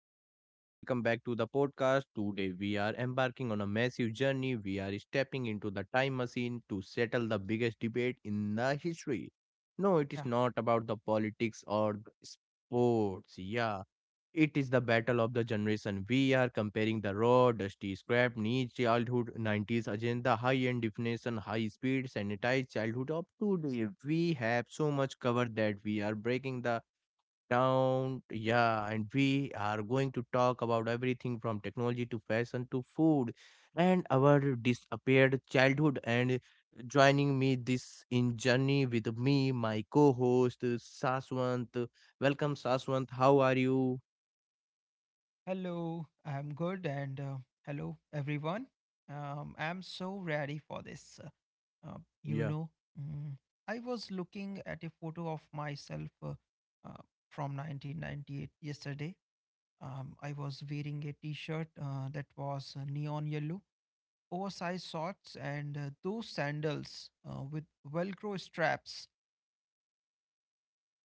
everyone, and welcome back to the podcast. Today, we are embarking on a massive journey. We are stepping into the time machine to settle the biggest debate in the history. No, it is Yeah. not about the politics or the sports. Yeah, it is the battle of the generation. We are comparing the raw, dusty, scrap, niche childhood, 90s agenda, high end definition, high speed, sanitized childhood up to today. We have so much covered that we are breaking the down, yeah, and we are going to talk about everything from technology to fashion to food and our disappeared childhood. And joining me this in journey with me, my co-host Saswant. Welcome, Saswant. How are you? Hello. I'm good. And hello, everyone. I'm so ready for this. Uh, you Yeah, know, mm, I was looking at a photo of myself uh, from 1998 yesterday. I was wearing a t shirt that was neon yellow, oversized shorts, and those sandals with Velcro straps.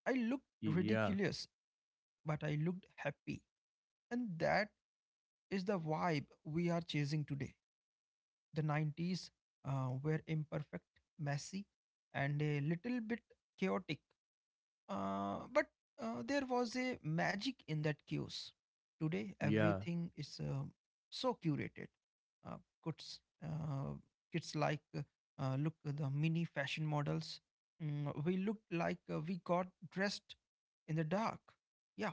I looked yeah, ridiculous, but I looked happy. And that is the vibe we are chasing today. The 90s were imperfect, messy, and a little bit chaotic, but there was a magic in that chaos. Today, yeah. everything is so curated. Uh, kids, uh, kids look at the mini fashion models. We looked like we got dressed in the dark. Yeah,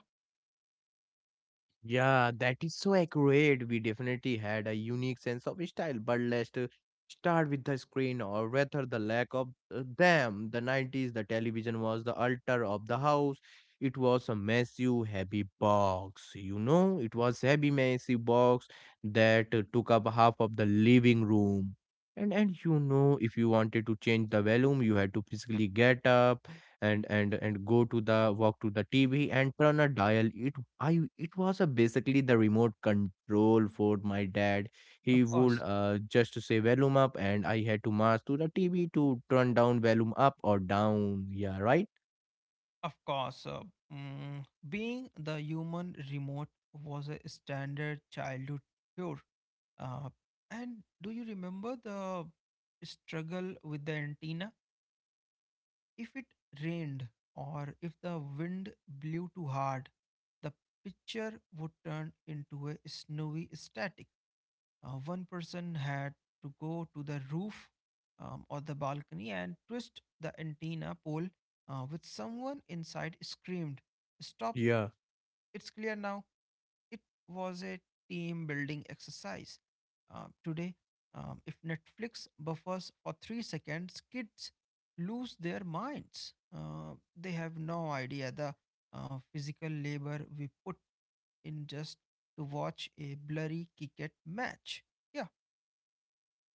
Yeah, that is so accurate. We definitely had a unique sense of style, but let's start with the screen or rather the lack of them. The 90s, the television was the altar of the house. It was a massive, heavy box. You know, it was heavy, massive box that took up half of the living room. And you know, if you wanted to change the volume, you had to physically get up and go to the walk to the TV and turn a dial. It was a basically the remote control for my dad. of He would course. Just say volume up, and I had to march to the TV to turn down volume up or down. Yeah, right. Of course, being the human remote was a standard childhood cure. Uh, and do you remember the struggle with the antenna? If it rained or if the wind blew too hard, the picture would turn into a snowy static. One person had to go to the roof or the balcony and twist the antenna pole, with someone inside screamed, "Stop, Yeah. it's clear now." It was a team building exercise. Today, if Netflix buffers for 3 seconds, kids lose their minds. They have no idea the physical labor we put in just to watch a blurry cricket match. Yeah,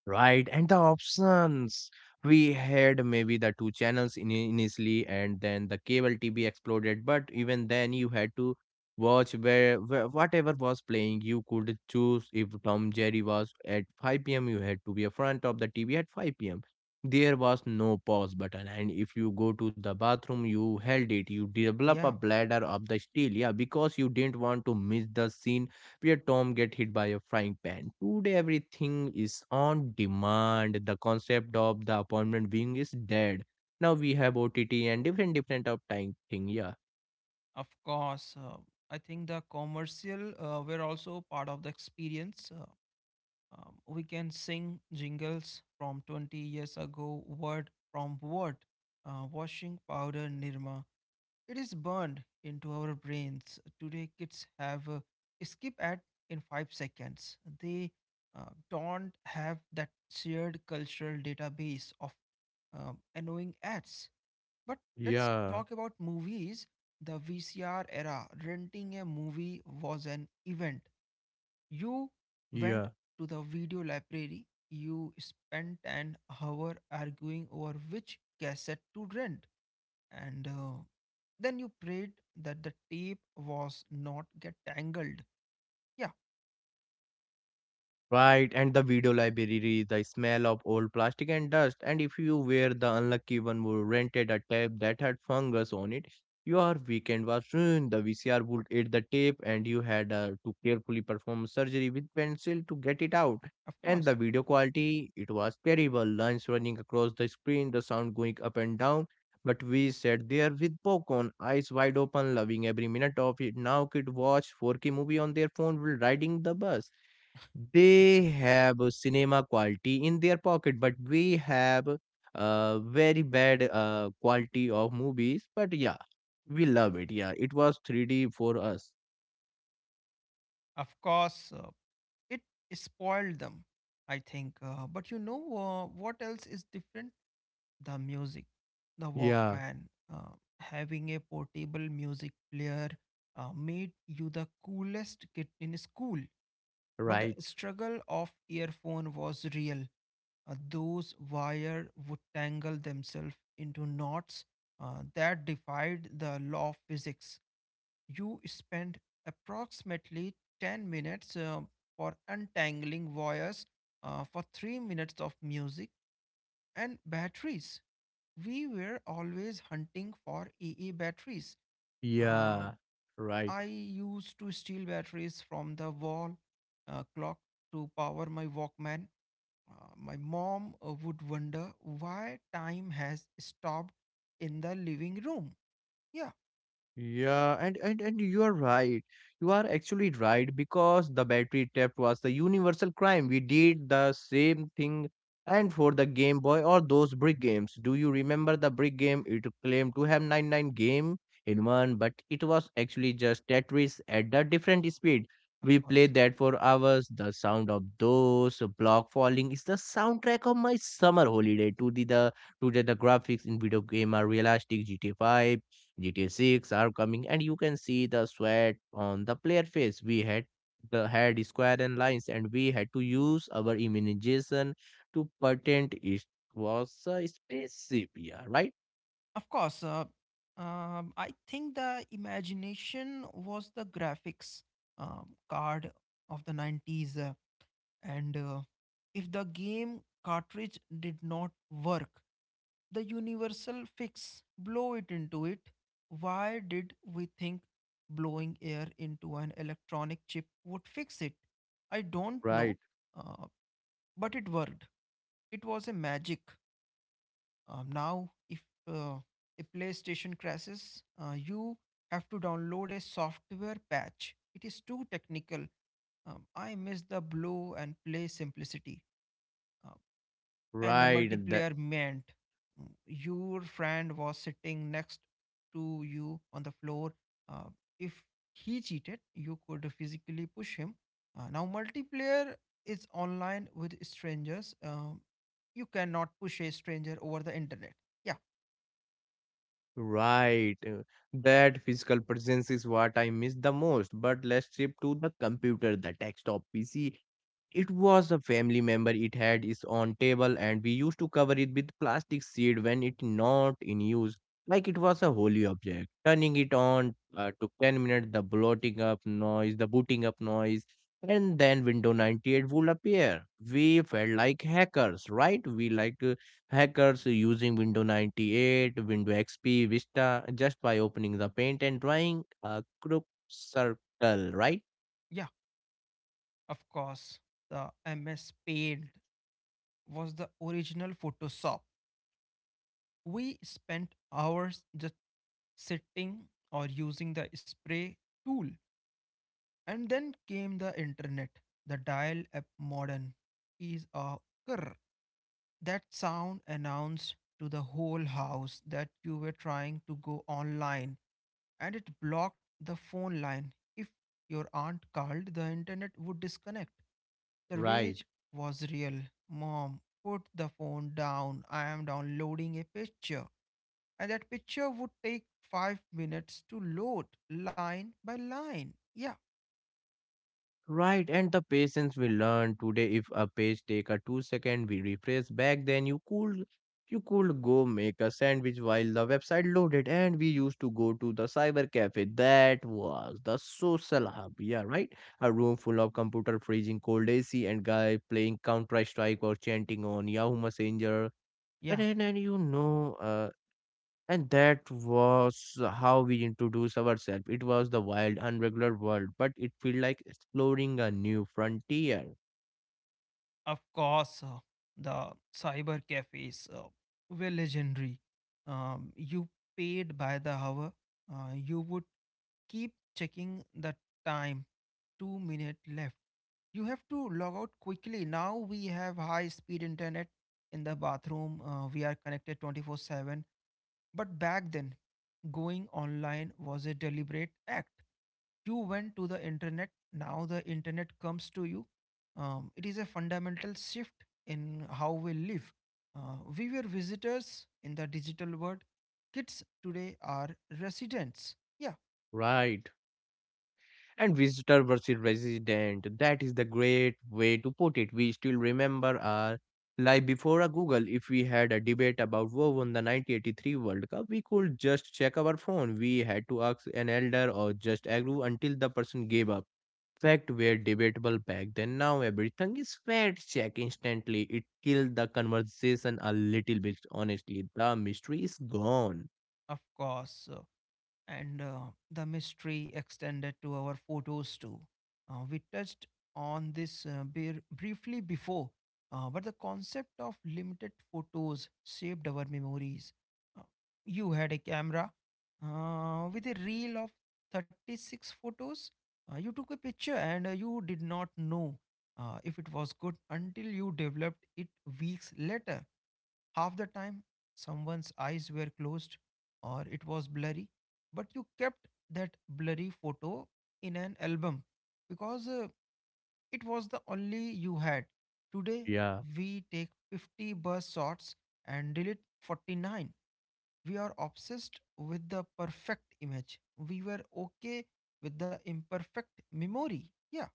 Right, and the options. We had maybe the two channels in initially, and then the cable TV exploded. But even then, you had to watch where whatever was playing, you could choose if Tom Jerry was at 5 p.m., you had to be in front of the TV at 5 p.m. There was no pause button, and if you go to the bathroom, you held it. You develop a yeah, bladder of the steel, yeah, because you didn't want to miss the scene where Tom get hit by a frying pan. Today everything is on demand. The concept of the appointment being is dead. Now we have OTT and different of time thing. Yeah. of course. I think the commercial were also part of the experience. We can sing jingles from 20 years ago, word from word. Washing powder Nirma. It is burned into our brains. Today, kids have a skip ad in 5 seconds. They don't have that shared cultural database of annoying ads. But let's Yeah, talk about movies. The VCR era, renting a movie was an event. You went yeah. to the video library. You spent an hour arguing over which cassette to rent. And Then you prayed that the tape was not get tangled. Yeah, Right, and the video library, the smell of old plastic and dust, and if you were the unlucky one who rented a tape that had fungus on it, your weekend was ruined. The VCR would eat the tape, and you had to carefully perform surgery with pencil to get it out. of And course. the video quality, it was terrible. Lines running across the screen, the sound going up and down. But we sat there with popcorn, eyes wide open, loving every minute of it. Now kid watch 4K movie on their phone while riding the bus. They have a cinema quality in their pocket, but we have very bad quality of movies. But yeah, we love it. Yeah, it was 3D for us. Of course, it spoiled them, I think. But you know what else is different? The music, the Yeah, Walkman, having a portable music player made you the coolest kid in school. But right. the struggle of earphone was real. Those wire would tangle themselves into knots that defied the law of physics. You spent approximately 10 minutes for untangling wires for 3 minutes of music, and batteries, we were always hunting for AA batteries. Uh, Yeah, right. I used to steal batteries from the wall clock to power my Walkman. My mom would wonder why time has stopped in the living room. Yeah, Yeah, and you are right. You are actually right because the battery theft was the universal crime. We did the same thing and for the Game Boy or those brick games. Do you remember the brick game? It claimed to have 99 game in one, but it was actually just Tetris at a different speed. of We course. played that for hours. The sound of those block falling is the soundtrack of my summer holiday. To the today the graphics in video game are realistic. GTA 5 GTA 6 are coming, and you can see the sweat on the player face. We had the had square and lines, and we had to use our imagination to patent it. Was a spaceship, yeah, right, Of course. I think the imagination was the graphics card of the 90s. And If the game cartridge did not work, the universal fix, blow it into it. Why did we think blowing air into an electronic chip would fix it? I don't know Right. uh, but it worked. It was a magic. Now if uh, a playstation crashes, you have to download a software patch. It is too technical. I miss the blow and play simplicity. Uh, and the right, that multiplayer meant your friend was sitting next to you on the floor. Uh, if he cheated, you could physically push him. Now, multiplayer is online with strangers. You cannot push a stranger over the internet. Yeah, right. uh, That physical presence is what I miss the most. But let's shift to the computer, the desktop PC. It was a family member. It had its own table, and we used to cover it with plastic sheet when it not in use, like it was a holy object. Turning it on took 10 minutes. The booting up noise, and then Windows 98 would appear. We felt like hackers, right? We like hackers using Windows 98, Windows XP, Vista, just by opening the paint and drawing a crooked circle, right? yeah, of course. The MS Paint was the original Photoshop. We spent hours just sitting or using the spray tool. And then came the internet, the dial up modem is a grr. That sound announced to the whole house that you were trying to go online, and it blocked the phone line. If your aunt called, the internet would disconnect. The Right. rage was real. Mom, put the phone down. I am downloading a picture. And that picture would take 5 minutes to load line by line. Yeah, Right, and the patience we learn today. If a page take a 2 second, we refresh back then you could go make a sandwich while the website loaded and we used to go to the cyber cafe. That was the social hub, yeah, right? A room full of computer freezing cold AC and guy playing Counter Strike or chanting on Yahoo Messenger. And yeah. then and you know and that was how we introduced ourselves. It was the wild, unregular world, but it felt like exploring a new frontier. Of course, the cyber cafes were legendary. You paid by the hour. You would keep checking the time. 2 minutes left. You have to log out quickly. Now we have high speed internet in the bathroom. We are connected 24/7. But back then, going online was a deliberate act. You went to the internet, now the internet comes to you. It is a fundamental shift in how we live. We were visitors in the digital world. Kids today are residents. Yeah, Right. And visitor versus resident. That is the great way to put it. We still remember our life before a Google. If we had a debate about who won the 1983 World Cup, we could just check our phone. We had to ask an elder or just argue until the person gave up. Fact were debatable back then. Now everything is fact checked instantly. It killed the conversation a little bit. Honestly, the mystery is gone. of course. And The mystery extended to our photos too. We touched on this briefly before, but the concept of limited photos shaped our memories. Uh, you had a camera with a reel of 36 photos. You took a picture, and you did not know if it was good until you developed it weeks later. Half the time, someone's eyes were closed or it was blurry, but you kept that blurry photo in an album because it was the only you had. Today, Yeah. we take 50 bus shots and delete 49. We are obsessed with the perfect image. We were okay with the imperfect memory. Yeah,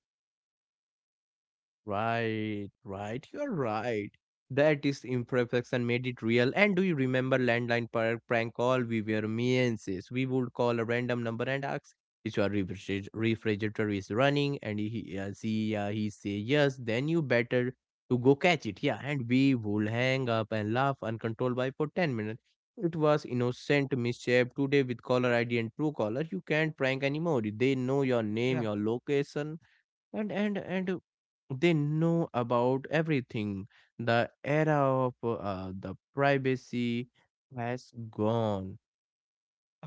Right, right. You're right. That is imperfection made it real. And do you remember landline prank call? We were meances. We would call a random number and ask if your refrigerator is running, and he say yes. Then you better to go catch it. Yeah, and we would hang up and laugh uncontrollably for 10 minutes. It was innocent mischief. Today with caller ID and true caller, you can't prank anymore. They know your name, yeah, your location and they know about everything. The era of the privacy has gone.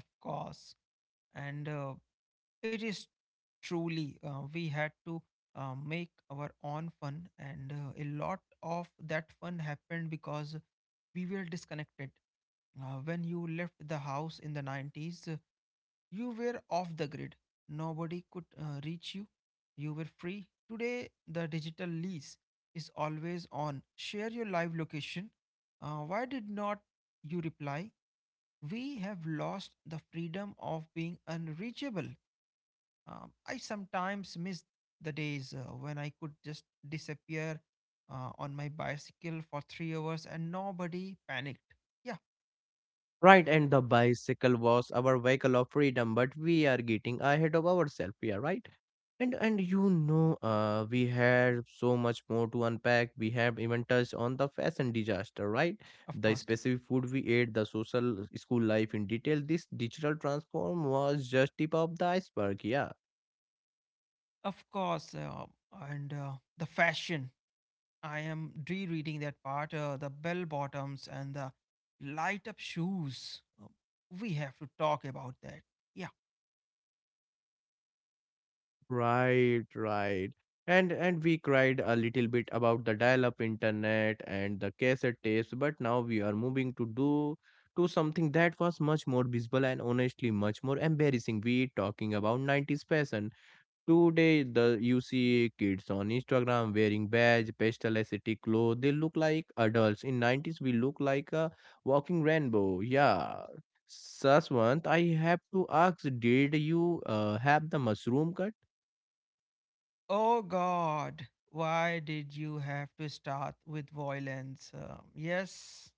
of course. And It is truly, we had to make our own fun, and a lot of that fun happened because we were disconnected. When you left the house in the 90s, you were off the grid. Nobody could reach you. You were free. Today, the digital lease is always on. Share your live location. Why did not you reply? We have lost the freedom of being unreachable. I sometimes miss the days when I could just disappear on my bicycle for 3 hours and nobody panicked. Yeah, Right, and the bicycle was our vehicle of freedom, but we are getting ahead of ourselves. Yeah, right. And you know We had so much more to unpack. We have even touched on the fashion disaster, right? of The course. specific food we ate, the social school life in detail. This digital transform was just tip of the iceberg. Yeah. Of course. And The fashion. I am rereading that part, the bell bottoms and the light up shoes. We have to talk about that. Yeah. Right, right. And we cried a little bit about the dial-up internet and the cassette tapes, but now we are moving to something that was much more visible and honestly much more embarrassing. We talking about 90s fashion. Today the you see kids on Instagram wearing beige, pastel aesthetic clothes. They look like adults. In 90s we look like a walking rainbow. Yeah. Saswant, I have to ask, did you have the mushroom cut? Oh, God. Why did you have to start with violence? Yes,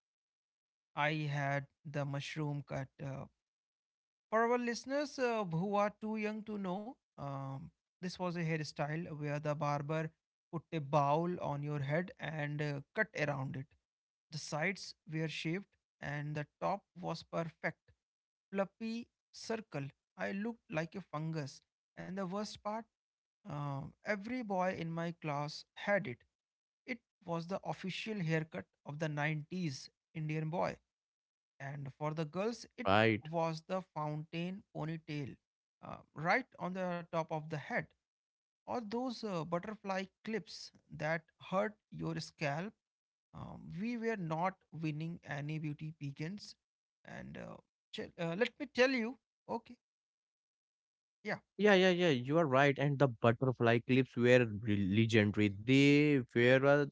I had the mushroom cut. For our listeners who are too young to know, this was a hairstyle where the barber put a bowl on your head and cut around it. The sides were shaved, and the top was perfect, fluffy circle. I looked like a fungus. And the worst part, uh, every boy in my class had it. It was the official haircut of the 90s Indian boy. And for the girls, it Right. was the fountain ponytail right on the top of the head, or those butterfly clips that hurt your scalp. We were not winning any beauty beacons. and uh, Let me tell you. Okay. Yeah, Yeah, yeah, yeah. You are right. And the butterfly clips were legendary. They were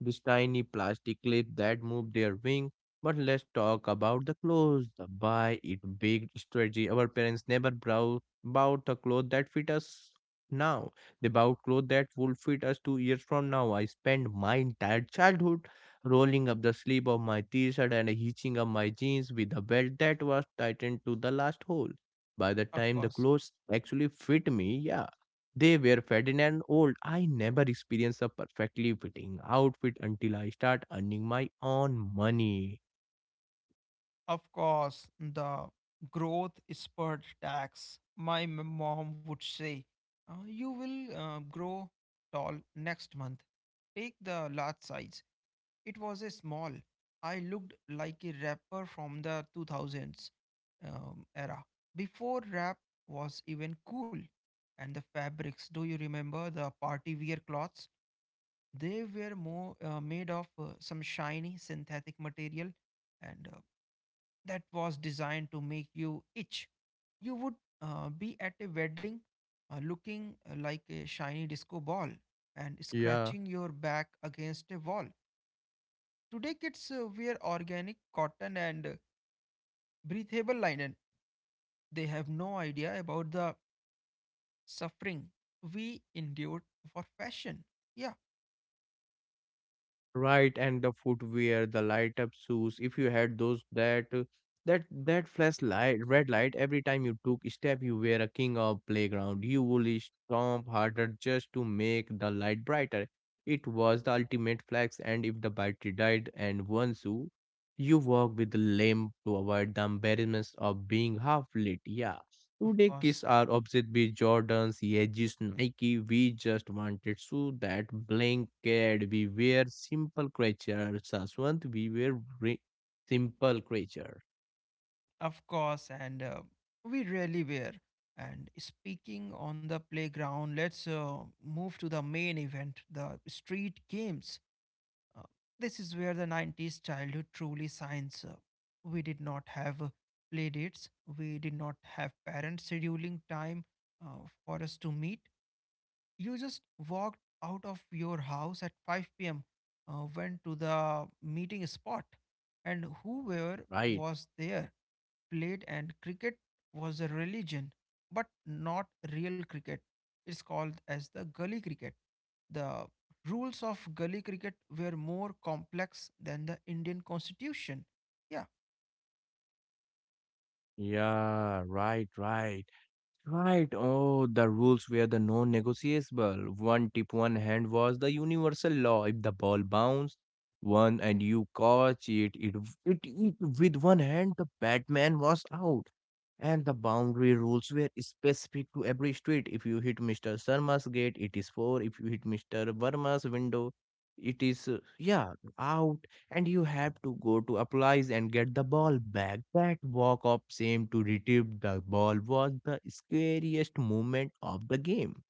this tiny plastic clip that moved their wing. But let's talk about the clothes. The buy it big strategy. Our parents never bought the clothes that fit us now. They bought clothes that will fit us 2 years from now. I spent my entire childhood rolling up the sleeve of my t-shirt and hitching up my jeans with a belt that was tightened to the last hole. By the of time the course. clothes actually fit me, yeah, they were faded and old. I never experienced a perfectly fitting outfit until I start earning my own money. Of course, the growth spurt tax. My mom would say, You will grow tall next month. Take the large size." It was a small. I looked like a rapper from the 2000s era. Before rap was even cool. And the fabrics, do you remember the party wear cloths? They were more made of some shiny synthetic material, and that was designed to make you itch. You would be at a wedding looking like a shiny disco ball and Yeah. scratching your back against a wall. Today, kids wear organic cotton and breathable linen. They have no idea about the suffering we endured for fashion. Yeah, Right, and the footwear, the light up shoes. If you had those that flashlight, red light every time you took step, you were a king of playground. You would stomp harder just to make the light brighter. It was the ultimate flex, and if the battery died and one shoe, you walk with the limp to avoid the embarrassment of being half lit. Yeah. of Today, kids course. are obsessed with Jordans, Yeezys, Nike. We just wanted shoe that blanket. We were simple creatures, Saswant. We were simple creatures, Of course, and we really were. And speaking on the playground, let's move to the main event, the street games. Uh, this is where the 90s childhood truly shines. We did not have play dates, we did not have parents scheduling time for us to meet. You just walked out of your house at 5 p.m., went to the meeting spot, and whoever right? was there played. And cricket was a religion, but not real cricket. It's called as the gully cricket. The rules of gully cricket were more complex than the Indian constitution. Yeah, Yeah, right, right. Right. Oh, the rules were the non-negotiable. One tip, one hand was the universal law. If the ball bounced one and you catch it with one hand, the Batman was out. And the boundary rules were specific to every street. If you hit Mr. Sharma's gate, it is four. If you hit Mr. Verma's window, it is yeah out and you have to go to applies and get the ball back. That walk up same to retrieve the ball was the scariest moment of the game.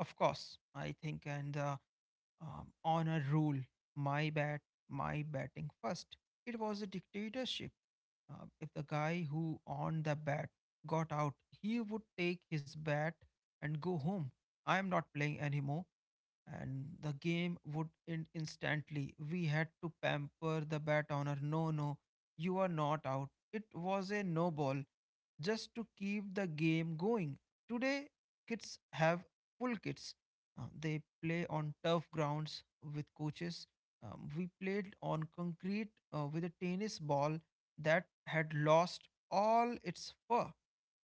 of course. I think, and the honor rule, my bat, my batting first, it was a dictatorship. If the guy who on the bat got out, he would take his bat and go home. "I am not playing anymore," and the game would end instantly. We had to pamper the bat owner. "No, no, you are not out. It was a no ball," just to keep the game going. Today, kids have full kits. They play on turf grounds with coaches. We played on concrete with a tennis ball that had lost all its fur.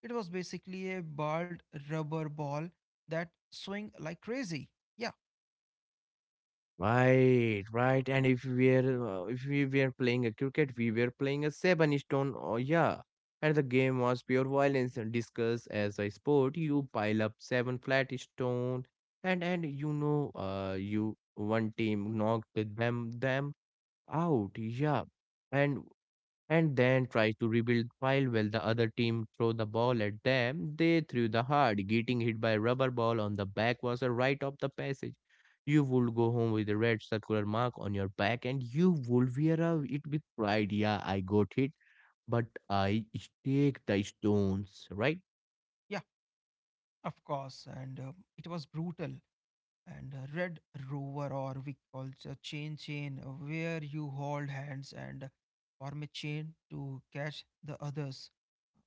It was basically a bald rubber ball that swung like crazy. Yeah, Right, right. And if we were playing a cricket, we were playing a seven stone. Oh yeah. And the game was pure violence and discuss as a sport. You pile up seven flat stone, and you know, you one team knocked them out. Yeah, and and then try to rebuild while the other team throw the ball at them. They threw the hard, getting hit by a rubber ball on the back was a rite of the passage. You would go home with a red circular mark on your back and you would wear it with pride. Yeah, I got hit, but I take the stones, right? yeah, of course. And it was brutal. And Red Rover, or we call it a chain chain, where you hold hands and form a chain to catch the others.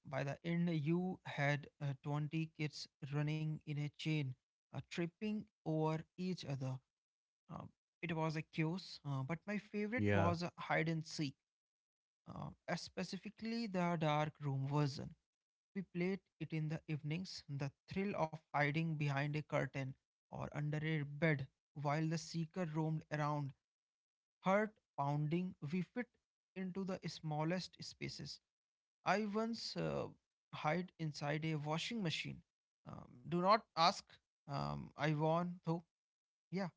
By the end, you had 20 kids running in a chain, tripping over each other. Uh, it was a chaos, but my favorite Yeah. was hide and seek, specifically the dark room version we played it in the evenings, the thrill of hiding behind a curtain or under a bed while the seeker roamed around. Heart pounding, we fit into the smallest spaces. I once hide inside a washing machine. Do not ask. I won, though. Yeah,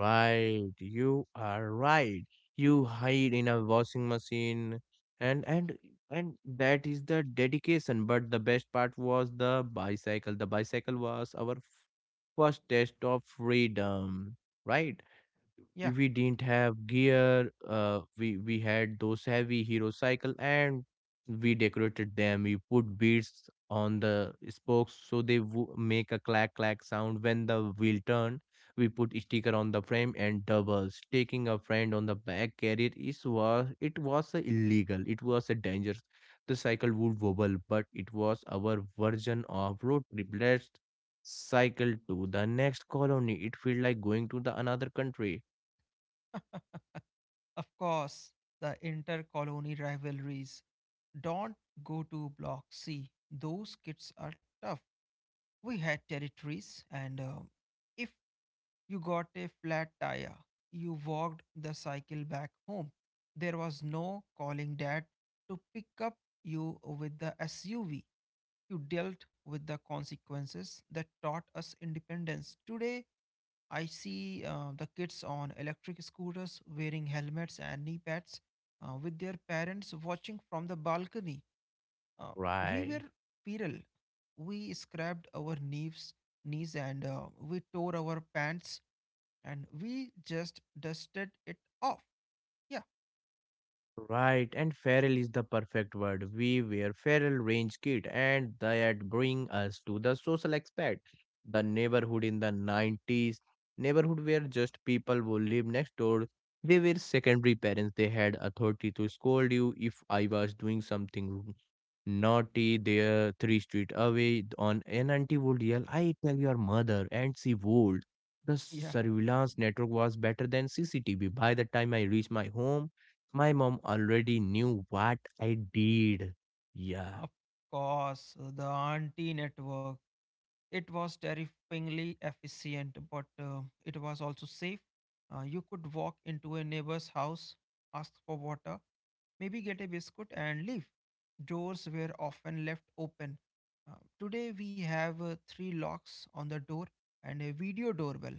Right, you are right. You hide in a washing machine and and and that is the dedication. But the best part was the bicycle. The bicycle was our first test of freedom, right? yeah, We didn't have gear, we had those heavy hero cycle, and we decorated them. We put beads on the spokes so they make a clack clack sound when the wheel turn. We put sticker on the frame, and doubles taking a friend on the back carrier is was it was a illegal, it was a dangerous. The cycle would wobble, but it was our version of road trip. Let's cycle to the next colony. It felt like going to the another country. of course. The intercolony rivalries. Don't go to Block C. Those kids are tough. We had territories and if you got a flat tire, you walked the cycle back home. There was no calling dad to pick up you with the SUV. You dealt with the consequences. That taught us independence. Today I see the kids on electric scooters wearing helmets and knee pads, with their parents watching from the balcony. um, we Right, were viral. We scrapped our knees, and we tore our pants, and we just dusted it off. Yeah, right. And feral is the perfect word. We were feral range kid, and that bring us to the social aspect. The neighborhood in the 90s, neighborhood where just people who live next door, they were secondary parents. They had authority to scold you if I was doing something naughty. They're three street away on an auntie would yell, I tell your mother, and she would. The yeah. surveillance network was better than CCTV. By the time I reached my home, my mom already knew what I did. Yeah, Of course, the auntie network. It was terrifyingly efficient, but it was also safe. You could walk into a neighbor's house, ask for water, maybe get a biscuit and leave. Doors were often left open. Uh, Today we have three locks on the door and a video doorbell.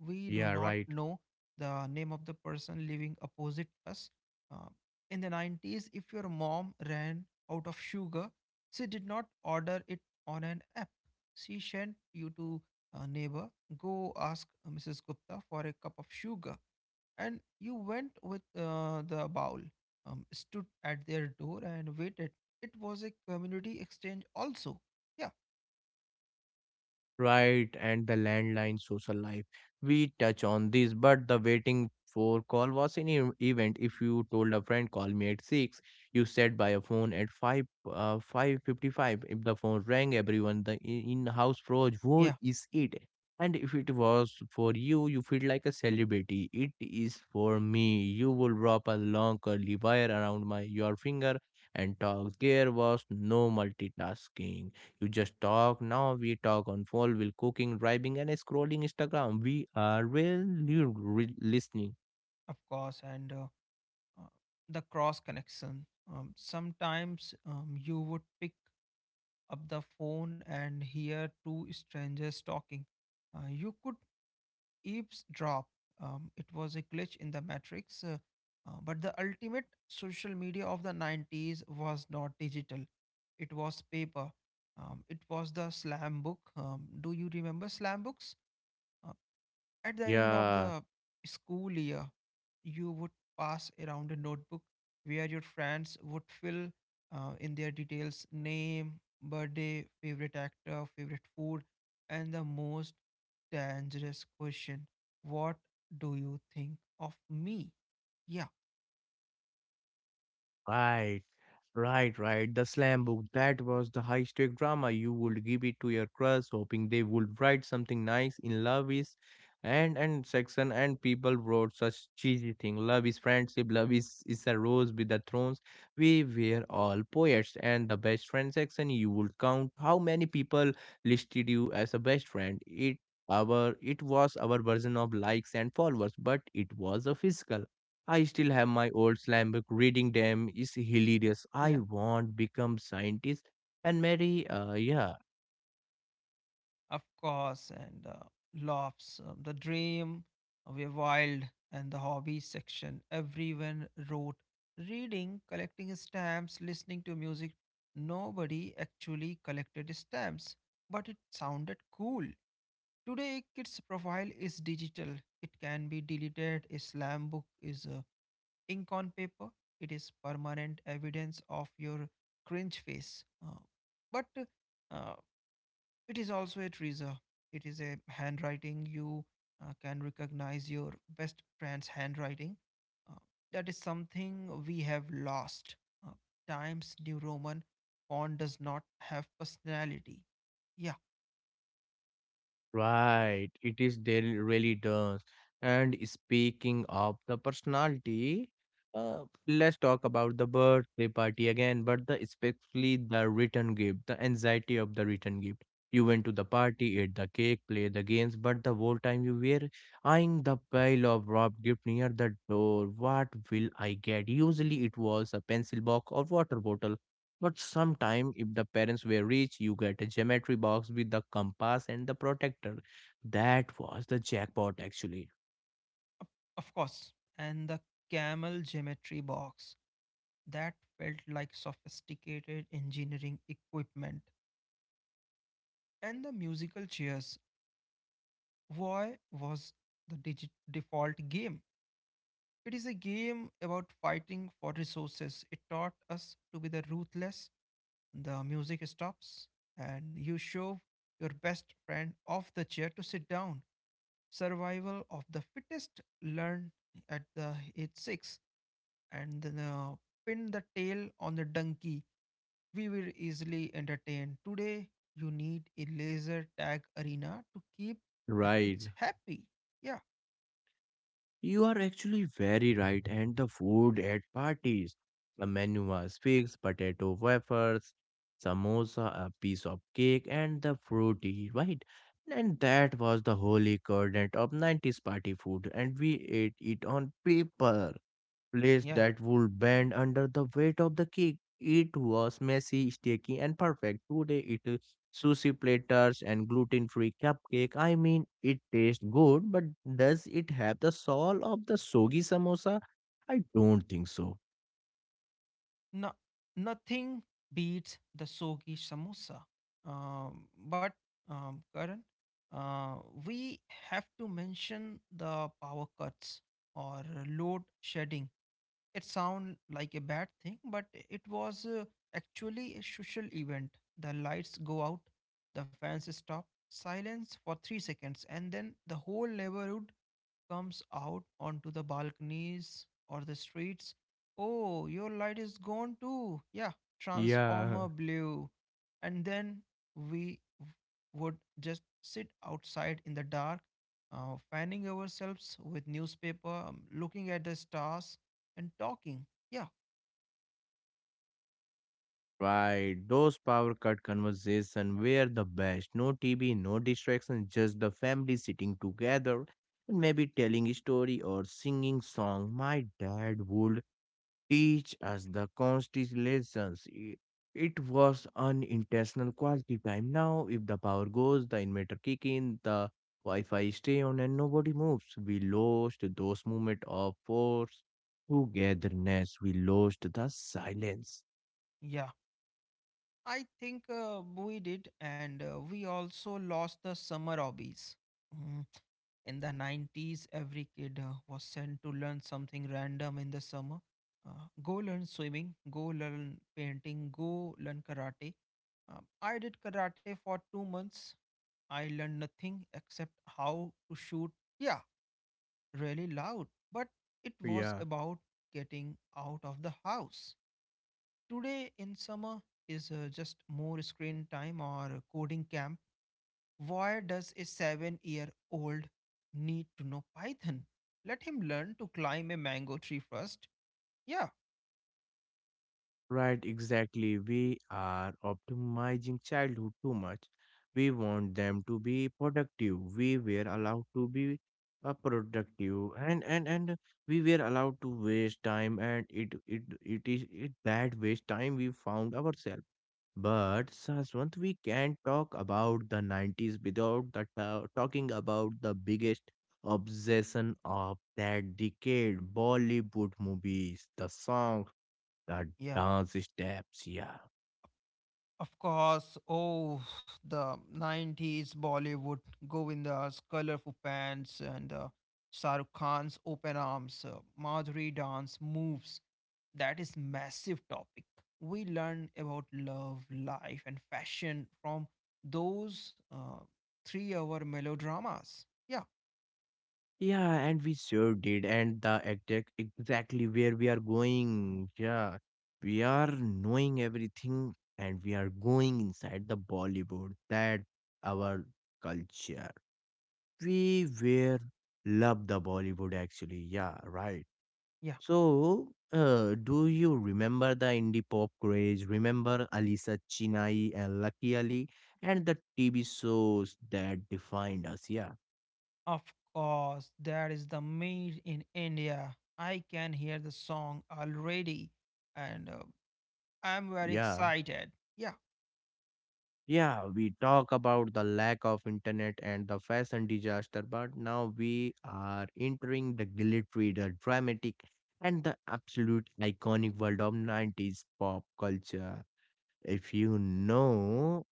We do yeah, not right. know the name of the person living opposite us. Uh, in the 90s, if your mom ran out of sugar, she did not order it on an app. She sent you to a neighbor. Go ask Mrs. Gupta for a cup of sugar. And you went with the bowl, stood at their door and waited. It was a community exchange, also. Yeah, Right, and the landline social life. We touch on this, but the waiting for call was an event. If you told a friend, call me at 6, you sat by a phone at 5, 5:55. If the phone rang, everyone the in the house froze. yeah, Who is it? And if it was for you, you feel like a celebrity. It is for me. You will wrap a long curly wire around my your finger and talk. There was no multitasking. You just talk. Now we talk on phone while cooking, driving, and scrolling Instagram. We are really listening. of course. And uh, the cross connection. Sometimes you would pick up the phone and hear 2 strangers talking. You could eavesdrop. It was a glitch in the matrix. But the ultimate social media of the 90s was not digital, it was paper. It was the slam book. Do you remember slam books? Uh, at the end of Yeah. the school year, you would pass around a notebook where your friends would fill in their details: name, birthday, favorite actor, favorite food, and the most dangerous question: what do you think of me? Yeah, Right, right, right. The slam book, that was the high stake drama. You would give it to your crush, hoping they would write something nice in love is and section, and people wrote such cheesy thing. Love is friendship, love is a rose with the thorns. We were all poets, and the best friend section, you would count how many people listed you as a best friend. It was our version of likes and followers, but it was a physical. I still have my old slam book. Reading them is hilarious. I want become scientist and marry. Yeah. of course, and laughs, the dream, we're wild, and the hobby section. Everyone wrote reading, collecting stamps, listening to music. Nobody actually collected stamps, but it sounded cool. Today, kids' profile is digital. It can be deleted. A slam book is ink on paper. It is permanent evidence of your cringe face. But uh, it is also a treasure. It is a handwriting. You can recognize your best friend's handwriting. Uh, that is something we have lost. Uh, Times New Roman font does not have personality. Yeah, Right, it is there really does. And speaking of the personality, uh, let's talk about the birthday party again, but the especially the return gift, the anxiety of the return gift. You went to the party, ate the cake, played the games, but the whole time you were eyeing the pile of wrapped gift near the door. What will I get? Usually it was a pencil box or water bottle, but sometime, if the parents were rich, you get a geometry box with the compass and the protector. That was the jackpot, actually. of course. And the camel geometry box that felt like sophisticated engineering equipment. And the musical chairs. Why was the digit default game? It is a game about fighting for resources. It taught us to be the ruthless. The music stops, and you shove your best friend off the chair to sit down. Survival of the fittest learned at the age 6, and then pin the tail on the donkey. We were easily entertained. Today, you need a laser tag arena to keep the Right. kids happy. Yeah, You are actually very right. And the food at parties. The menu was fixed potato wafers, samosa, a piece of cake, and the fruity, right? And that was the holy coordinate of 90s party food. And we ate it on paper place yeah. that would bend under the weight of the kick. It was messy, sticky, and perfect. Today it is sushi platters and gluten-free cupcake. I mean, it tastes good, but does it have the soul of the soggy samosa? I don't think so. No, nothing beats the sogi samosa. But Karan, uh, we have to mention the power cuts or load shedding. It sounds like a bad thing, but it was actually a social event. The lights go out, the fans stop, silence for 3 seconds, and then the whole neighborhood comes out onto the balconies or the streets. Oh, your light is gone too. Yeah, Yeah. transformer blue. And then we w- would just sit outside in the dark, fanning ourselves with newspaper, looking at the stars and talking. Yeah, Right, those power cut conversation were the best. No TV, no distractions, just the family sitting together and maybe telling a story or singing song. My dad would teach us the constellations. It was unintentional quality time. Now, if the power goes, the inverter kick in, the Wi-Fi stay on, and nobody moves. We lost those moment of force togetherness. We lost the silence. yeah. I think we did, and we also lost the summer hobbies. Mm, In the 90s, every kid was sent to learn something random in the summer. Go learn swimming, go learn painting, go learn karate. I did karate for 2 months. I learned nothing except how to shoot. Yeah, really loud, but it was Yeah. about getting out of the house. Today in summer is just more screen time or coding camp. Why does a 7 year old need to know Python? Let him learn to climb a mango tree first. Yeah, Right, exactly. We are optimizing childhood too much. We want them to be productive. We were allowed to be productive, and we were allowed to waste time, and it is it that waste time we found ourselves. But Saswant, we can't talk about the 90s without the talking about the biggest obsession of that decade, Bollywood movies, the songs, the yeah. dance steps, yeah. Of course, oh, the 90s Bollywood, Govinda's colorful pants and Shah Rukh Khan's open arms, Madhuri dance moves. That is massive topic. We learn about love, life and fashion from those 3-hour melodramas. Yeah, Yeah, and we sure did, and the exactly where we are going, yeah, we are knowing everything, and we are going inside the bollywood that our culture, we were love the bollywood actually, yeah, right. yeah, So do you remember the indie pop craze? Remember Alisa Chinai and Lucky Ali and the TV shows that defined us? Yeah. of course, that is the made in India. I can hear the song already and I'm very Yeah, excited. Yeah, yeah, we talk about the lack of internet and the fashion disaster, but now we are entering the glittery, the dramatic, and the absolute iconic world of 90s pop culture. If you know,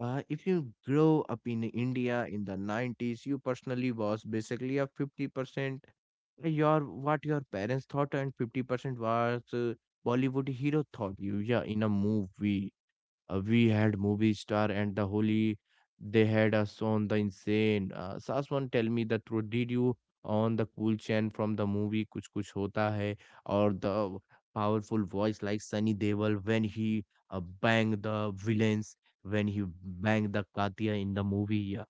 if you grow up in India in the 90s, you personally was basically a 50% your what your parents thought, and 50% was Bollywood hero thought you, yeah, in a movie. We had movie star and the holy. They had us on the insane. Saswan, tell me the truth. Did you on the cool chant from the movie Kuch Kuch Hota Hai, or the powerful voice like Sunny Deol when he banged the villains, when he banged the Katya in the movie? Yeah.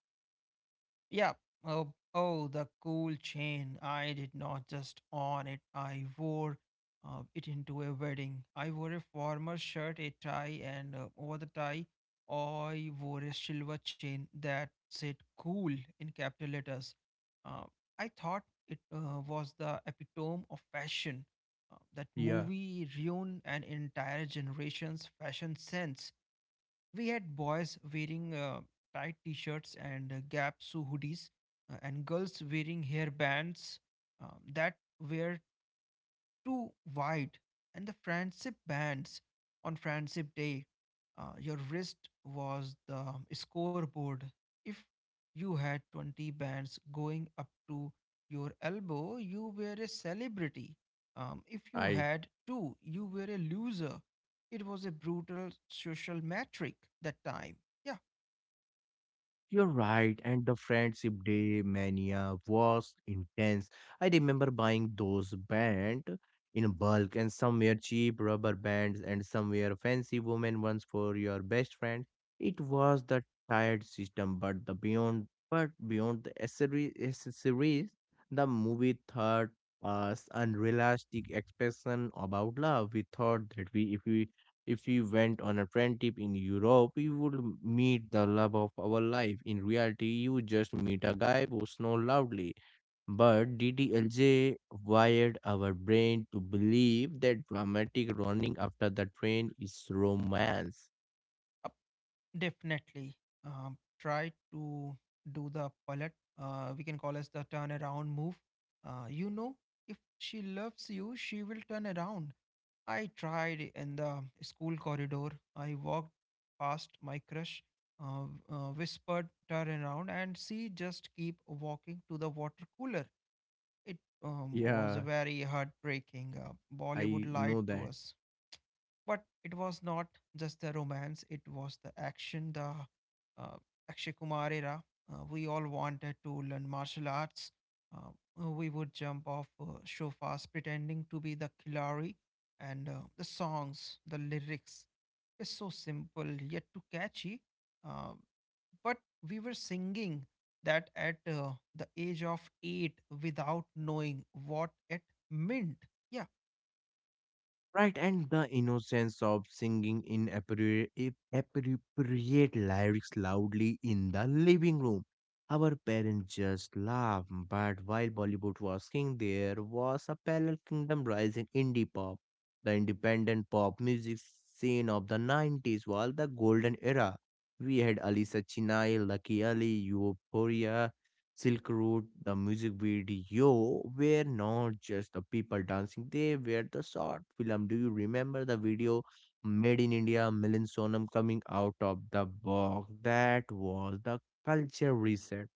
yeah. Oh, oh, the cool chain. I did not just on it. I wore it into a wedding. I wore a formal shirt, a tie, and over the tie, I wore a silver chain that said "cool" in capital letters. Uh, I thought it was the epitome of fashion. That Yeah, movie ruined an entire generation's fashion sense. We had boys wearing tight t shirts and gaps hoodies, and girls wearing hair bands that were too wide, and the friendship bands on friendship day. Your wrist was the scoreboard. If you had 20 bands going up to your elbow, you were a celebrity. If you I. had 2, you were a loser. It was a brutal social metric that time. Yeah, You're right, and the Friendship Day mania was intense. I remember buying those band in bulk, and some were cheap rubber bands and some were fancy woman ones for your best friend. It was the tired system, but the beyond, but beyond the accessories, the movie taught us unrealistic expression about love. We thought that we if we if we went on a trend trip in Europe, we would meet the love of our life. In reality, you just meet a guy who snores loudly. But DDLJ wired our brain to believe that dramatic running after the train is romance. definitely. Try to do the pilot. We can call as the turnaround move. You know, if she loves you, she will turn around. I tried in the school corridor. I walked past my crush, uh, whispered, turn around, and she just keep walking to the water cooler. It was a Yeah, very heartbreaking. Bollywood I lied know to that. us. But it was not just the romance, it was the action, the uh, Akshay Kumar era. We all wanted to learn martial arts. Uh, we would jump off sofas pretending to be the Khilari. And the songs, the lyrics, is so simple yet too catchy. Uh, but we were singing that at the age of 8 without knowing what it meant. Yeah, Right, and the innocence of singing inappropriate appropriate lyrics loudly in the living room. Our parents just laughed, but while Bollywood was king, there was a parallel kingdom rising indie pop. The independent pop music scene of the 90s was the golden era. We had Alisa Chinai, Lucky Ali, Euphoria, Silk Road, the music video were not just the people dancing, they were the short film. Do you remember the video Made in India, Milan Sonam coming out of the box? That was the culture reset.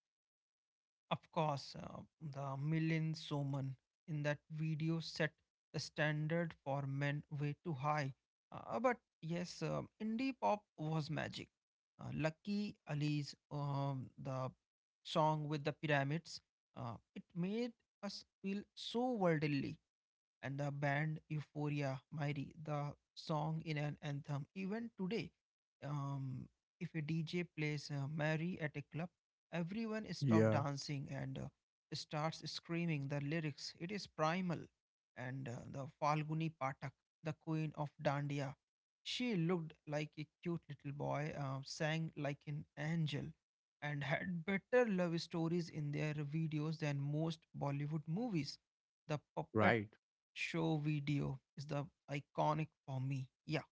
of course, the Milin Soman in that video set the standard for men way too high. But yes, indie pop was magic. Lucky Ali's the song with the pyramids, it made us feel so worldly and the band Euphoria Mairi, the song in an anthem. Even today, um, if a DJ plays Mary at a club, everyone stop Yeah. dancing and starts screaming the lyrics. It is primal. And the Falguni Patak, the queen of Dandiya, she looked like a cute little boy, sang like an angel, and had better love stories in their videos than most Bollywood movies. The puppet Right? show video is the iconic for me. Yeah,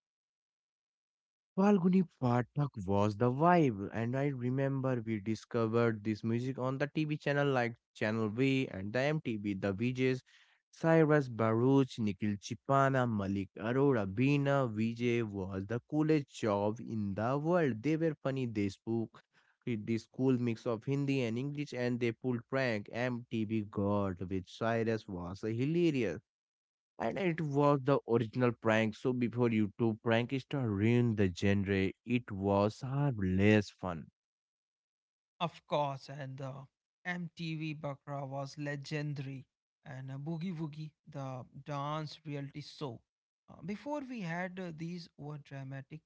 Falguni Pathak was the vibe, and I remember we discovered this music on the TV channel like Channel V and the MTV, the VJs, Cyrus Baruch, Nikhil Chipana, Malik Arora, Bina, VJ was the coolest job in the world. They were funny, they spoke with this cool mix of Hindi and English, and they pulled prank. MTV God with Cyrus was hilarious. And it was the original prank. So before YouTube prank star ruined the genre, it was far less fun. of course. And the MTV Bakra was legendary. And Boogie Woogie, the dance reality show. Before we had these over dramatic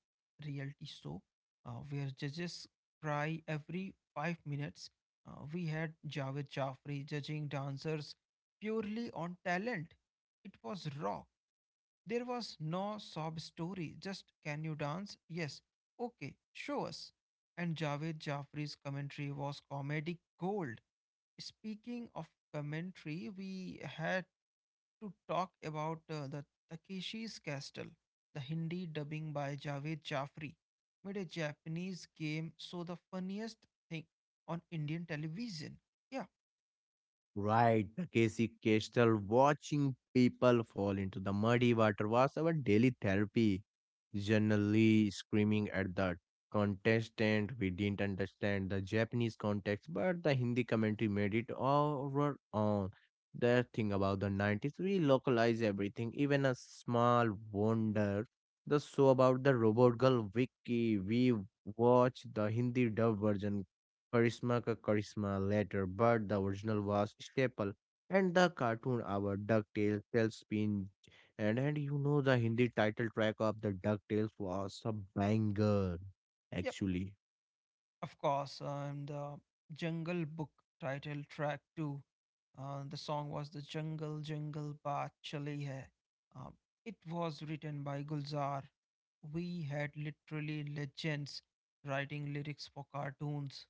reality show where judges cry every 5 minutes. We had Javed Jaffri judging dancers purely on talent. It was raw. There was no sob story, just can you dance? Yes. Okay, show us. And Javed Jafri's commentary was comedic gold. Speaking of commentary, we had to talk about the Takeshi's Castle. The Hindi dubbing by Javed Jafri made a Japanese game so the funniest thing on Indian television. Yeah, Right, the Casey Kastel watching people fall into the muddy water was our daily therapy. Generally screaming at the contestant, we didn't understand the Japanese context, but the Hindi commentary made it our own. The thing about the 90s, we localize everything, even a small wonder. The show about the robot girl Vicky, we watch the Hindi dub version करिश्मा का करिश्मा later, but the original was staple. And the cartoon, our DuckTales, Tailspin, and you know the Hindi title track of the DuckTales was a banger yeah. actually, Of course, and the Jungle Book title track too. The song was "The Jungle Jungle Baat Chali Hai." Um, it was written by Gulzar. We had literally legends writing lyrics for cartoons,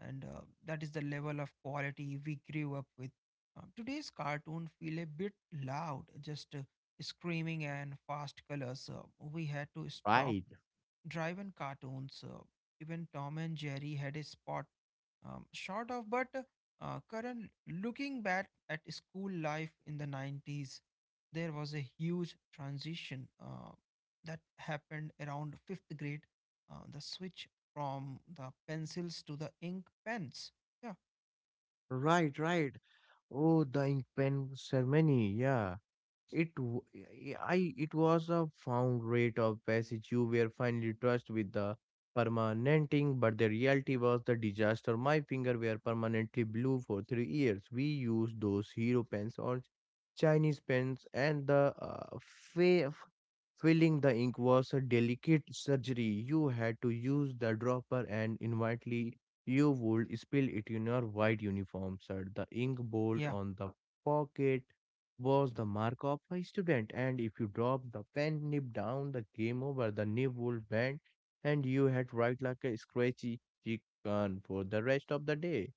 and that is the level of quality we grew up with. Today's cartoon feel a bit loud, just screaming and fast colors. We had to stop right, Drive-in cartoons. Even Tom and Jerry had a spot short of, but Karan, looking back at school life in the 90s, there was a huge transition that happened around fifth grade. The switch from the pencils to the ink pens. Yeah, right, right. Oh, the ink pen ceremony, yeah. It w- eh, I it was a found rate of passage. You were finally trust with the permanenting, but the reality was the disaster. My finger were permanently blue for 3 years. We used those hero pens or Chinese pens, and the filling the ink was a delicate surgery. You had to use the dropper, and inevitably you would spill it in your white uniform shirt. The ink bolt yeah, on the pocket was the mark of a student, and if you dropped the pen nib down, the game over, the nib would bend and you had to write like a scratchy chicken for the rest of the day.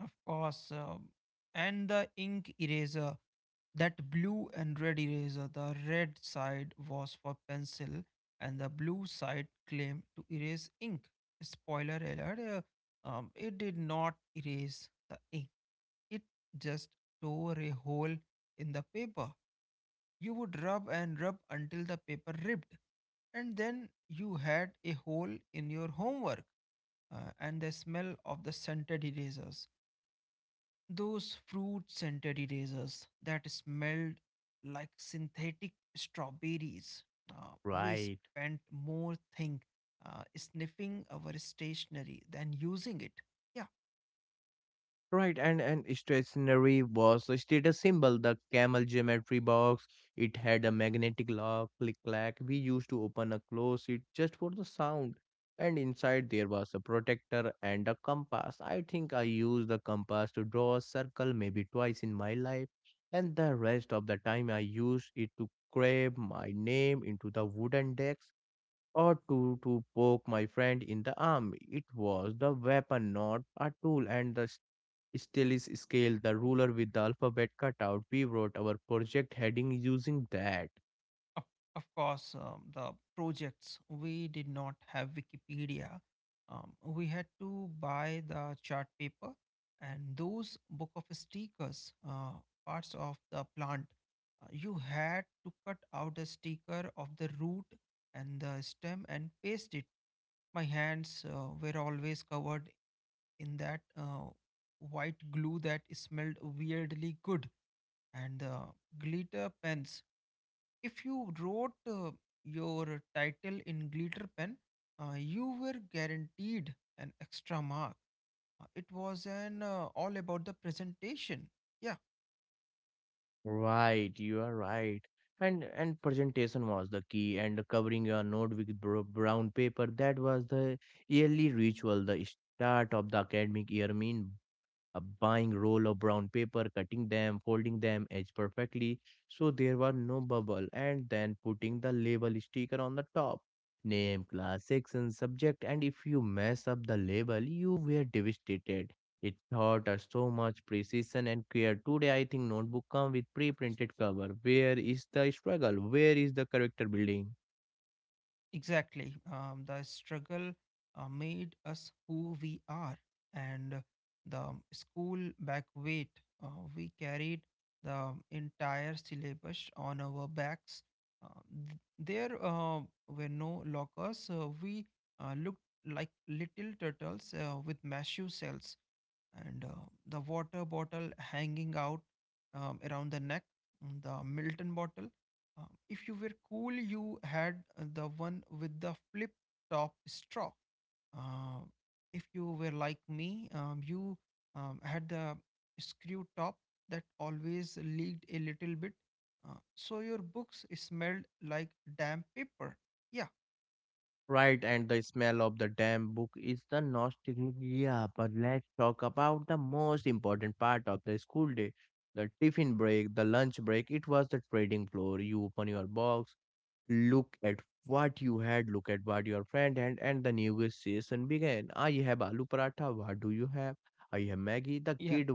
of course. And the ink eraser. That blue and red eraser, the red side was for pencil and the blue side claimed to erase ink. Spoiler alert, it did not erase the ink. It just tore a hole in the paper. You would rub and rub until the paper ripped, and then you had a hole in your homework and the smell of the scented erasers. Those fruit scented erasers that smelled like synthetic strawberries. We Right. spent more think sniffing our stationery than using it. Yeah, Right, and an stationery was a status symbol. The camel geometry box. It had a magnetic lock, click clack. We used to open and close it just for the sound. And inside there was a protector and a compass. I think I used the compass to draw a circle maybe twice in my life, and the rest of the time I used it to carve my name into the wooden deck or to poke my friend in the arm. It was the weapon, not a tool, and the stylus scale, the ruler with the alphabet cut out. We wrote our project heading using that. of of course, the projects, we did not have Wikipedia. We had to buy the chart paper and those book of stickers, parts of the plant. You had to cut out a sticker of the root and the stem and paste it. My hands were always covered in that white glue that smelled weirdly good, and the glitter pens. If you wrote your title in glitter pen, you were guaranteed an extra mark. It was an all about the presentation. Yeah, Right, you are right. And presentation was the key, and covering your note with brown paper. That was the yearly ritual, the start of the academic year. Mean buying roll of brown paper, cutting them, folding them edge perfectly so there were no bubble, and then putting the label sticker on the top. Name, class, section, subject, and if you mess up the label, you were devastated. It taught us so much precision and care. Today, I think notebook come with pre-printed cover. Where is the struggle? Where is the character building? exactly. The struggle made us who we are, and the school back weight uh, we carried the entire syllabus on our backs. Uh, there were no lockers. We looked like little turtles with massive cells, and the water bottle hanging out around the neck, mm, the Milton bottle. If you were cool, you had the one with the flip top straw. Uh, if you were like me, you had the screw top that always leaked a little bit. So your books smelled like damp paper. Yeah, Right, and the smell of the damn book is the nostalgia. But let's talk about the most important part of the school day, the tiffin break, the lunch break. It was the trading floor. You open your box, look at what you had, look at what your friend had, and the negotiation began. I have aloo paratha, what do you have? I have Maggie. The yeah, kid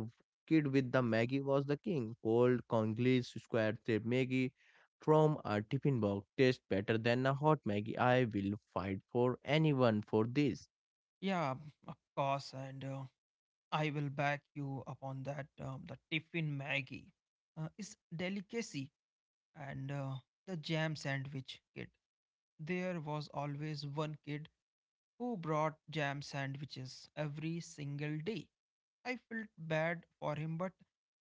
kid with the Maggie was the king. Cold Congolese square shaped Maggie from a tiffin box tastes better than a hot Maggie. I will fight for anyone for this. yeah, of course. And I will back you upon that. The tiffin Maggie is delicacy and the jam sandwich kit. There was always one kid who brought jam sandwiches every single day. I felt bad for him, but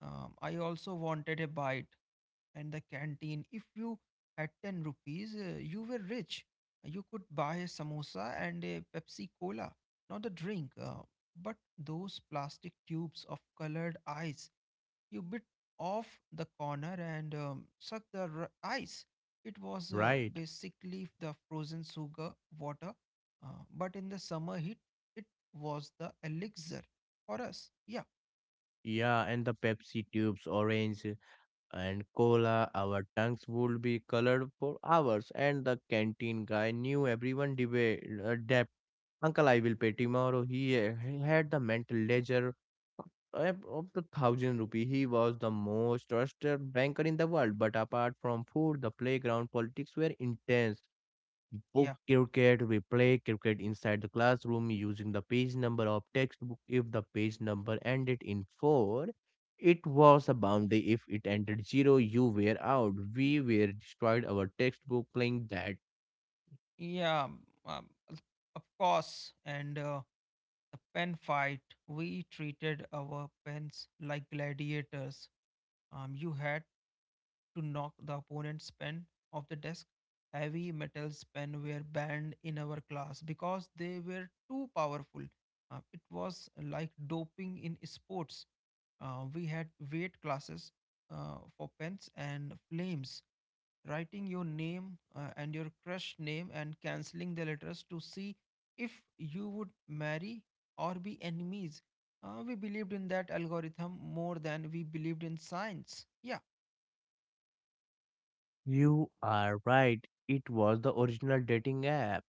I also wanted a bite. And the canteen, if you had 10 rupees, you were rich. You could buy a samosa and a Pepsi Cola, not a drink, but those plastic tubes of colored ice. You bit off the corner and sucked the ice. It was Right. basically the frozen sugar water, uh, but in the summer heat, it was the elixir for us. Yeah, Yeah, and the Pepsi tubes, orange and cola, our tongues would be colored for hours, and the canteen guy knew everyone debate. Uncle, I will pay tomorrow. He had the mental ledger of the thousand rupee. He was the most trusted banker in the world. But apart from food, the playground politics were intense. Book yeah, cricket, we play cricket inside the classroom using the page number of textbook. If the page number ended in four, it was a boundary. If it ended zero, you were out. We were destroyed our textbook playing that. yeah. um, um, of course, and the pen fight. We treated our pens like gladiators. You had to knock the opponent's pen off the desk. Heavy metals pen were banned in our class because they were too powerful. It was like doping in sports. We had weight classes for pens, and flames, writing your name and your crush name and cancelling the letters to see if you would marry or be enemies. We believed in that algorithm more than we believed in science. Yeah, You are right. It was the original dating app,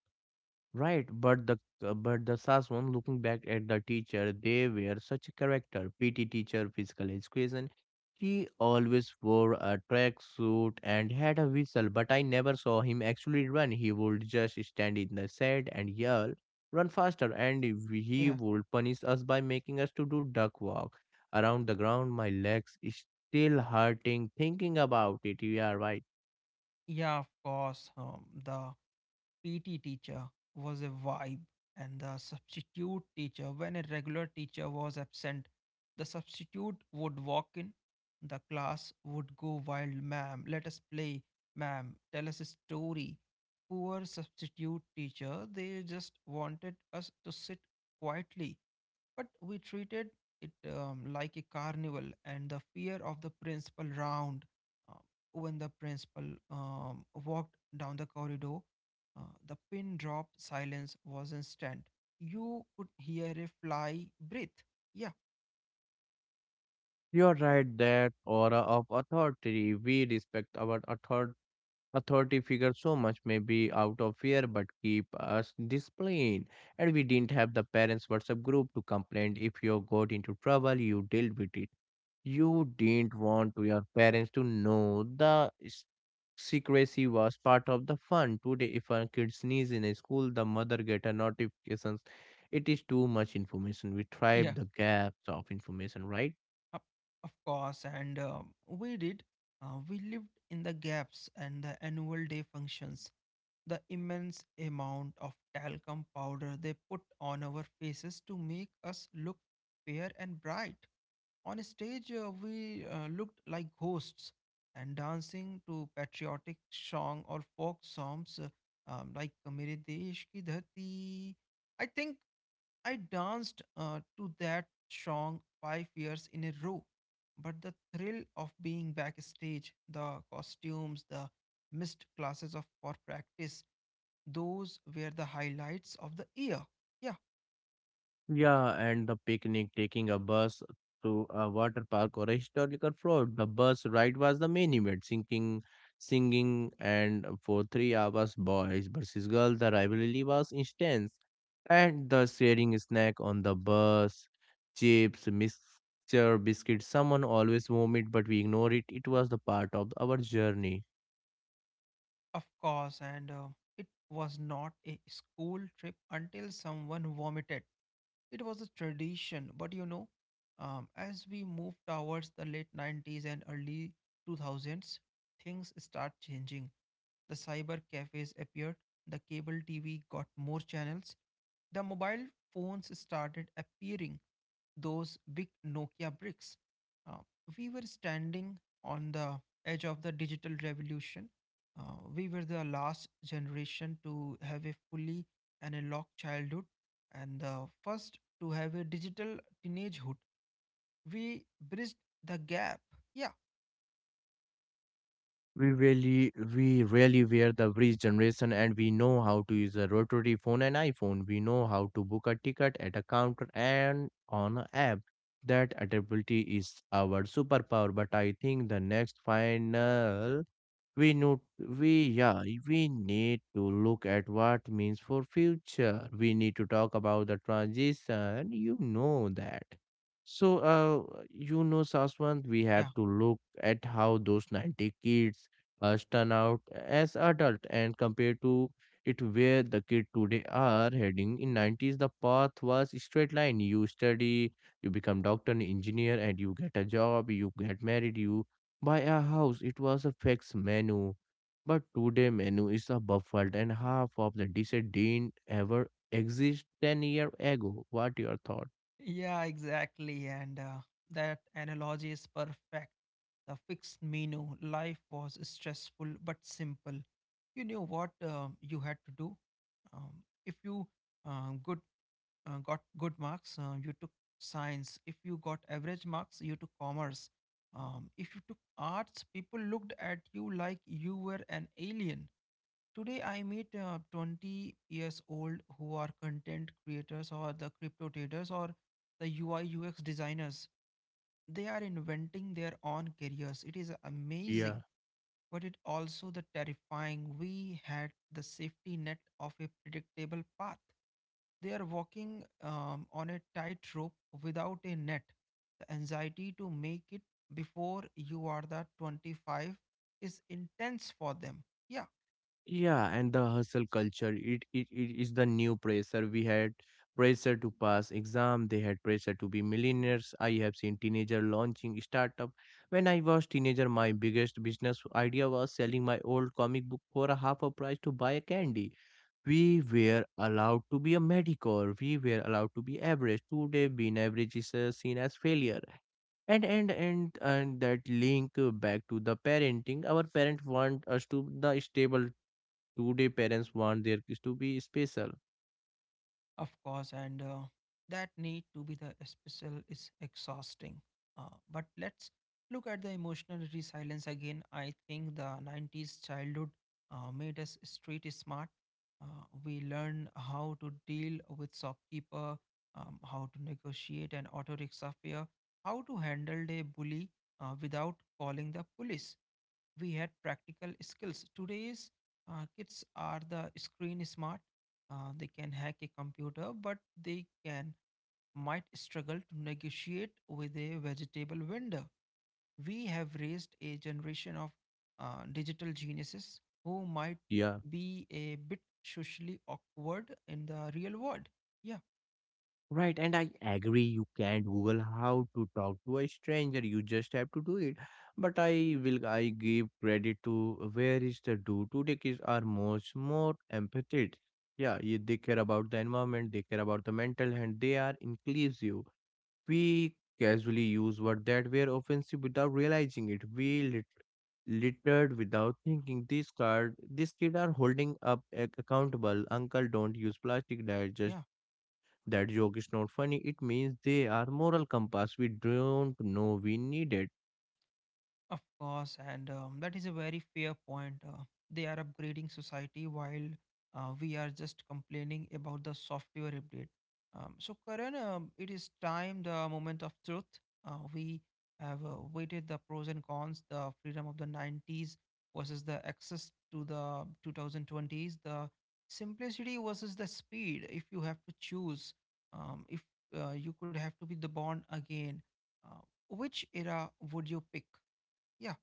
right? But the S A S one. Looking back at the teacher, they were such a character. PT teacher, physical education. He always wore a tracksuit and had a whistle, but I never saw him actually run. He would just stand in the shed and yell, "Run faster!" And he yeah. would punish us by making us to do duck walk around the ground. My legs is still hurting thinking about it. You are right. Yeah, of course. The PT teacher was a vibe, and the substitute teacher, when a regular teacher was absent, the substitute would walk in. The class would go wild. Ma'am, let us play, ma'am. Tell us a story. Poor substitute teacher, they just wanted us to sit quietly, but we treated it like a carnival, and the fear of the principal round. Uh, when the principal walked down the corridor, the pin drop silence was instant. You could hear a fly breathe. Yeah, You're right, that aura of authority. We respect our authority figure so much, maybe out of fear, but keep us disciplined. And we didn't have the parents WhatsApp group to complain. If you got into trouble, you dealt with it. You didn't want to your parents to know the secrecy was part of the fun. Today, if a kid sneeze in a school, the mother get a notifications. It is too much information. We yeah, thrive the gaps of information, right? of of course. And we did. We lived in the gaps, and the annual day functions, the immense amount of talcum powder they put on our faces to make us look fair and bright. On stage, we looked like ghosts, and dancing to patriotic song or folk songs like Mere Desh Ki Dhati. I think I danced to that song 5 years in a row. But the thrill of being backstage, the costumes, the missed classes of for practice, those were the highlights of the year. Yeah, Yeah, and the picnic, taking a bus to a water park or a historical float. The bus ride was the main event, singing, singing, and for 3 hours, boys versus girls, the rivalry was intense. And the sharing snack on the bus, chips, mixture, biscuits, someone always vomit, but we ignore it. It was the part of our journey. of course, and it was not a school trip until someone vomited. It was a tradition, but you know, as we move towards the late 90s and early 2000s, things start changing. The cyber cafes appeared, the cable TV got more channels, the mobile phones started appearing, those big Nokia bricks. Uh, we were standing on the edge of the digital revolution. We were the last generation to have a fully analog childhood and the first to have a digital teenagehood. We bridged the gap. Yeah. We really were the bridge generation, and we know how to use a rotary phone and iPhone. We know how to book a ticket at a counter and on an app. That adaptability is our superpower. But I think the next final, we know, we yeah, we need to look at what means for future. We need to talk about the transition, you know that. So you know, Saswant, we have to look at how those 90 kids turn out as adult and compare to it where the kid today are heading. In 90s the path was straight line. You study, you become doctor engineer, and you get a job, you get married, you by our house. It was a fixed menu, but today menu is a buffet and half of the dishes didn't ever exist 10 year ago. What your thought? Yeah, exactly. And that analogy is perfect. The fixed menu, life was stressful but simple. You knew what you had to do. If you good got good marks, you took science. If you got average marks, you took commerce. If you took arts, people looked at you like you were an alien. Today, I meet 20 years old who are content creators or the crypto traders or the UI UX designers. They are inventing their own careers. It is Yeah, amazing, but it also the terrifying. We had the safety net of a predictable path. They are walking on a tightrope without a net. The anxiety to make it before you are the 25 is intense for them. Yeah. yeah, and the hustle culture. It is the new pressure. We had pressure to pass exam. They had pressure to be millionaires. I have seen teenager launching startup. When I was teenager, my biggest business idea was selling my old comic book for a half a price to buy a candy. We were allowed to be a mediocre, we were allowed to be average. Today being average is seen as failure, and that link back to the parenting. Our parents want us to the stable, today parents want their kids to be special. Of course, and that need to be the special is exhausting. But let's look at the emotional resilience again. I think the 90s childhood made us street smart. We learned how to deal with shopkeeper, how to negotiate an auto rickshaw fare, how to handle a bully without calling the police. We had practical skills. Today's kids are the screen smart. They can hack a computer, but they can might struggle to negotiate with a vegetable vendor. We have raised a generation of digital geniuses who might Yeah. be a bit socially awkward in the real world. Yeah, Right, and I agree, you can't Google how to talk to a stranger. You just have to do it. But I will, I give credit to where is the do, today kids are much more empathetic. Yeah, they care about the environment, they care about the mental health, they are inclusive. We casually use word that were offensive without realizing it. We littered without thinking. This card, this kid are holding up accountable. Uncle, don't use plastic. Dad, just yeah. that joke is not funny. It means they are moral compass. We don't know we need it. Of course, and that is a very fair point. They are upgrading society while we are just complaining about the software update. So, Karan, it is time the moment of truth. We have weighted the pros and cons, the freedom of the 90s versus the access to the 2020s, the simplicity versus the speed. If you have to choose, if you could have to be the born again, uh, which era would you pick? Yeah,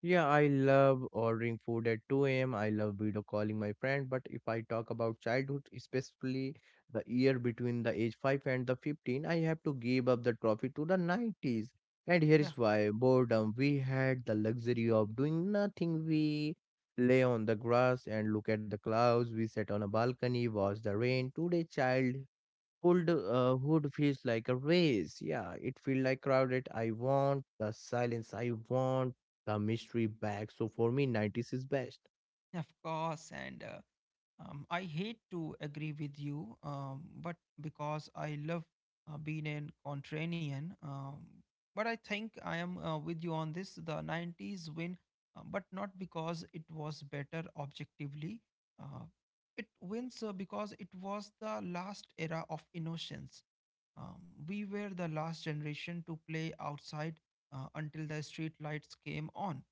Yeah, I love ordering food at 2 a.m. I love video calling my friend. But if I talk about childhood, especially the year between the age 5 and the 15, I have to give up the trophy to the 90s. And here yeah, is why, boredom. We had the luxury of doing nothing. We lay on the grass and look at the clouds. We sat on a balcony, watch the rain. Today, child, cold hood feels like a race. Yeah, it feels like crowded. I want the silence. I want the mystery back. So for me, 90s is best. yeah, of course. And I hate to agree with you, but because I love being a contrarian, but I think I am with you on this. The 90s win, but not because it was better objectively. Uh, it wins because it was the last era of innocence. Um, we were the last generation to play outside until the street lights came on.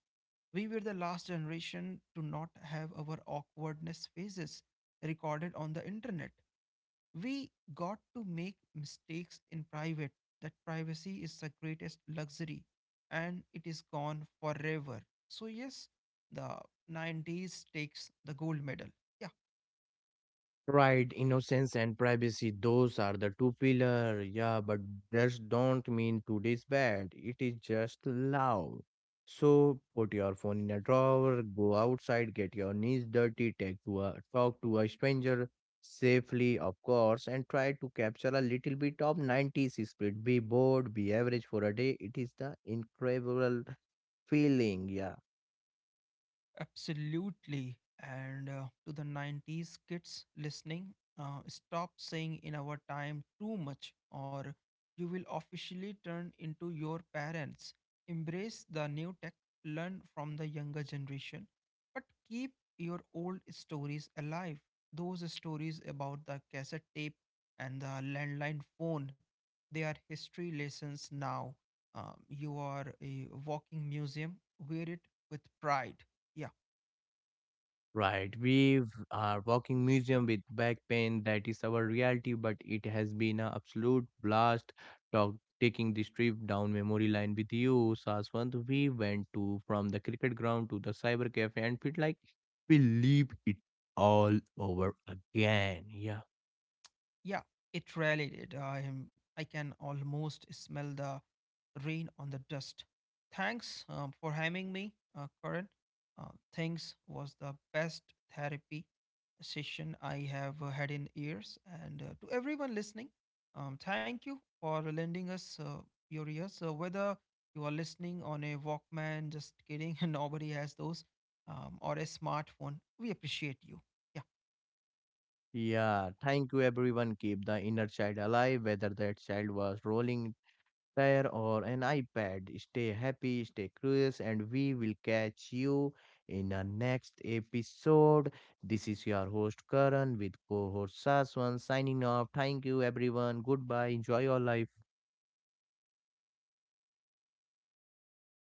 We were the last generation to not have our awkwardness phases recorded on the internet. We got to make mistakes in private. That privacy is the greatest luxury and it is gone forever. So, yes, the 90s takes the gold medal. Yeah, Right, innocence and privacy, those are the two pillar. Yeah, but that don't mean today's bad. It is just loud. So put your phone in a drawer, go outside, get your knees dirty, take to a, talk to a stranger, safely, of course, and try to capture a little bit of 90s spirit. Be bored, be average for a day. It is the incredible feeling. Yeah. absolutely. And to the 90s kids listening, stop saying in our time too much, or you will officially turn into your parents. Embrace the new tech, learn from the younger generation, but keep your old stories alive. Those stories about the cassette tape and the landline phone, they are history lessons now. You are a walking museum. Wear it with pride. Yeah. Right, we are walking museum with back pain. That is our reality, but it has been an absolute blast talk, taking this trip down memory line with you, Saswant. We went to from the cricket ground to the cyber cafe and feel like we leave it all over again. Yeah, Yeah, it really did. I am. I can almost smell the rain on the dust. Thanks for having me, Karan. Uh, Thanks was the best therapy session I have had in years. And to everyone listening, thank you for lending us your ears. Whether you are listening on a Walkman, just kidding, nobody has those, or a smartphone, we appreciate you. Yeah. yeah. Thank you, everyone. Keep the inner child alive, whether that child was rolling prayer or an iPad. Stay happy, stay curious, and we will catch you in our next episode. This is your host Karan with co host Saswan signing off. Thank you, everyone. Goodbye. Enjoy your life.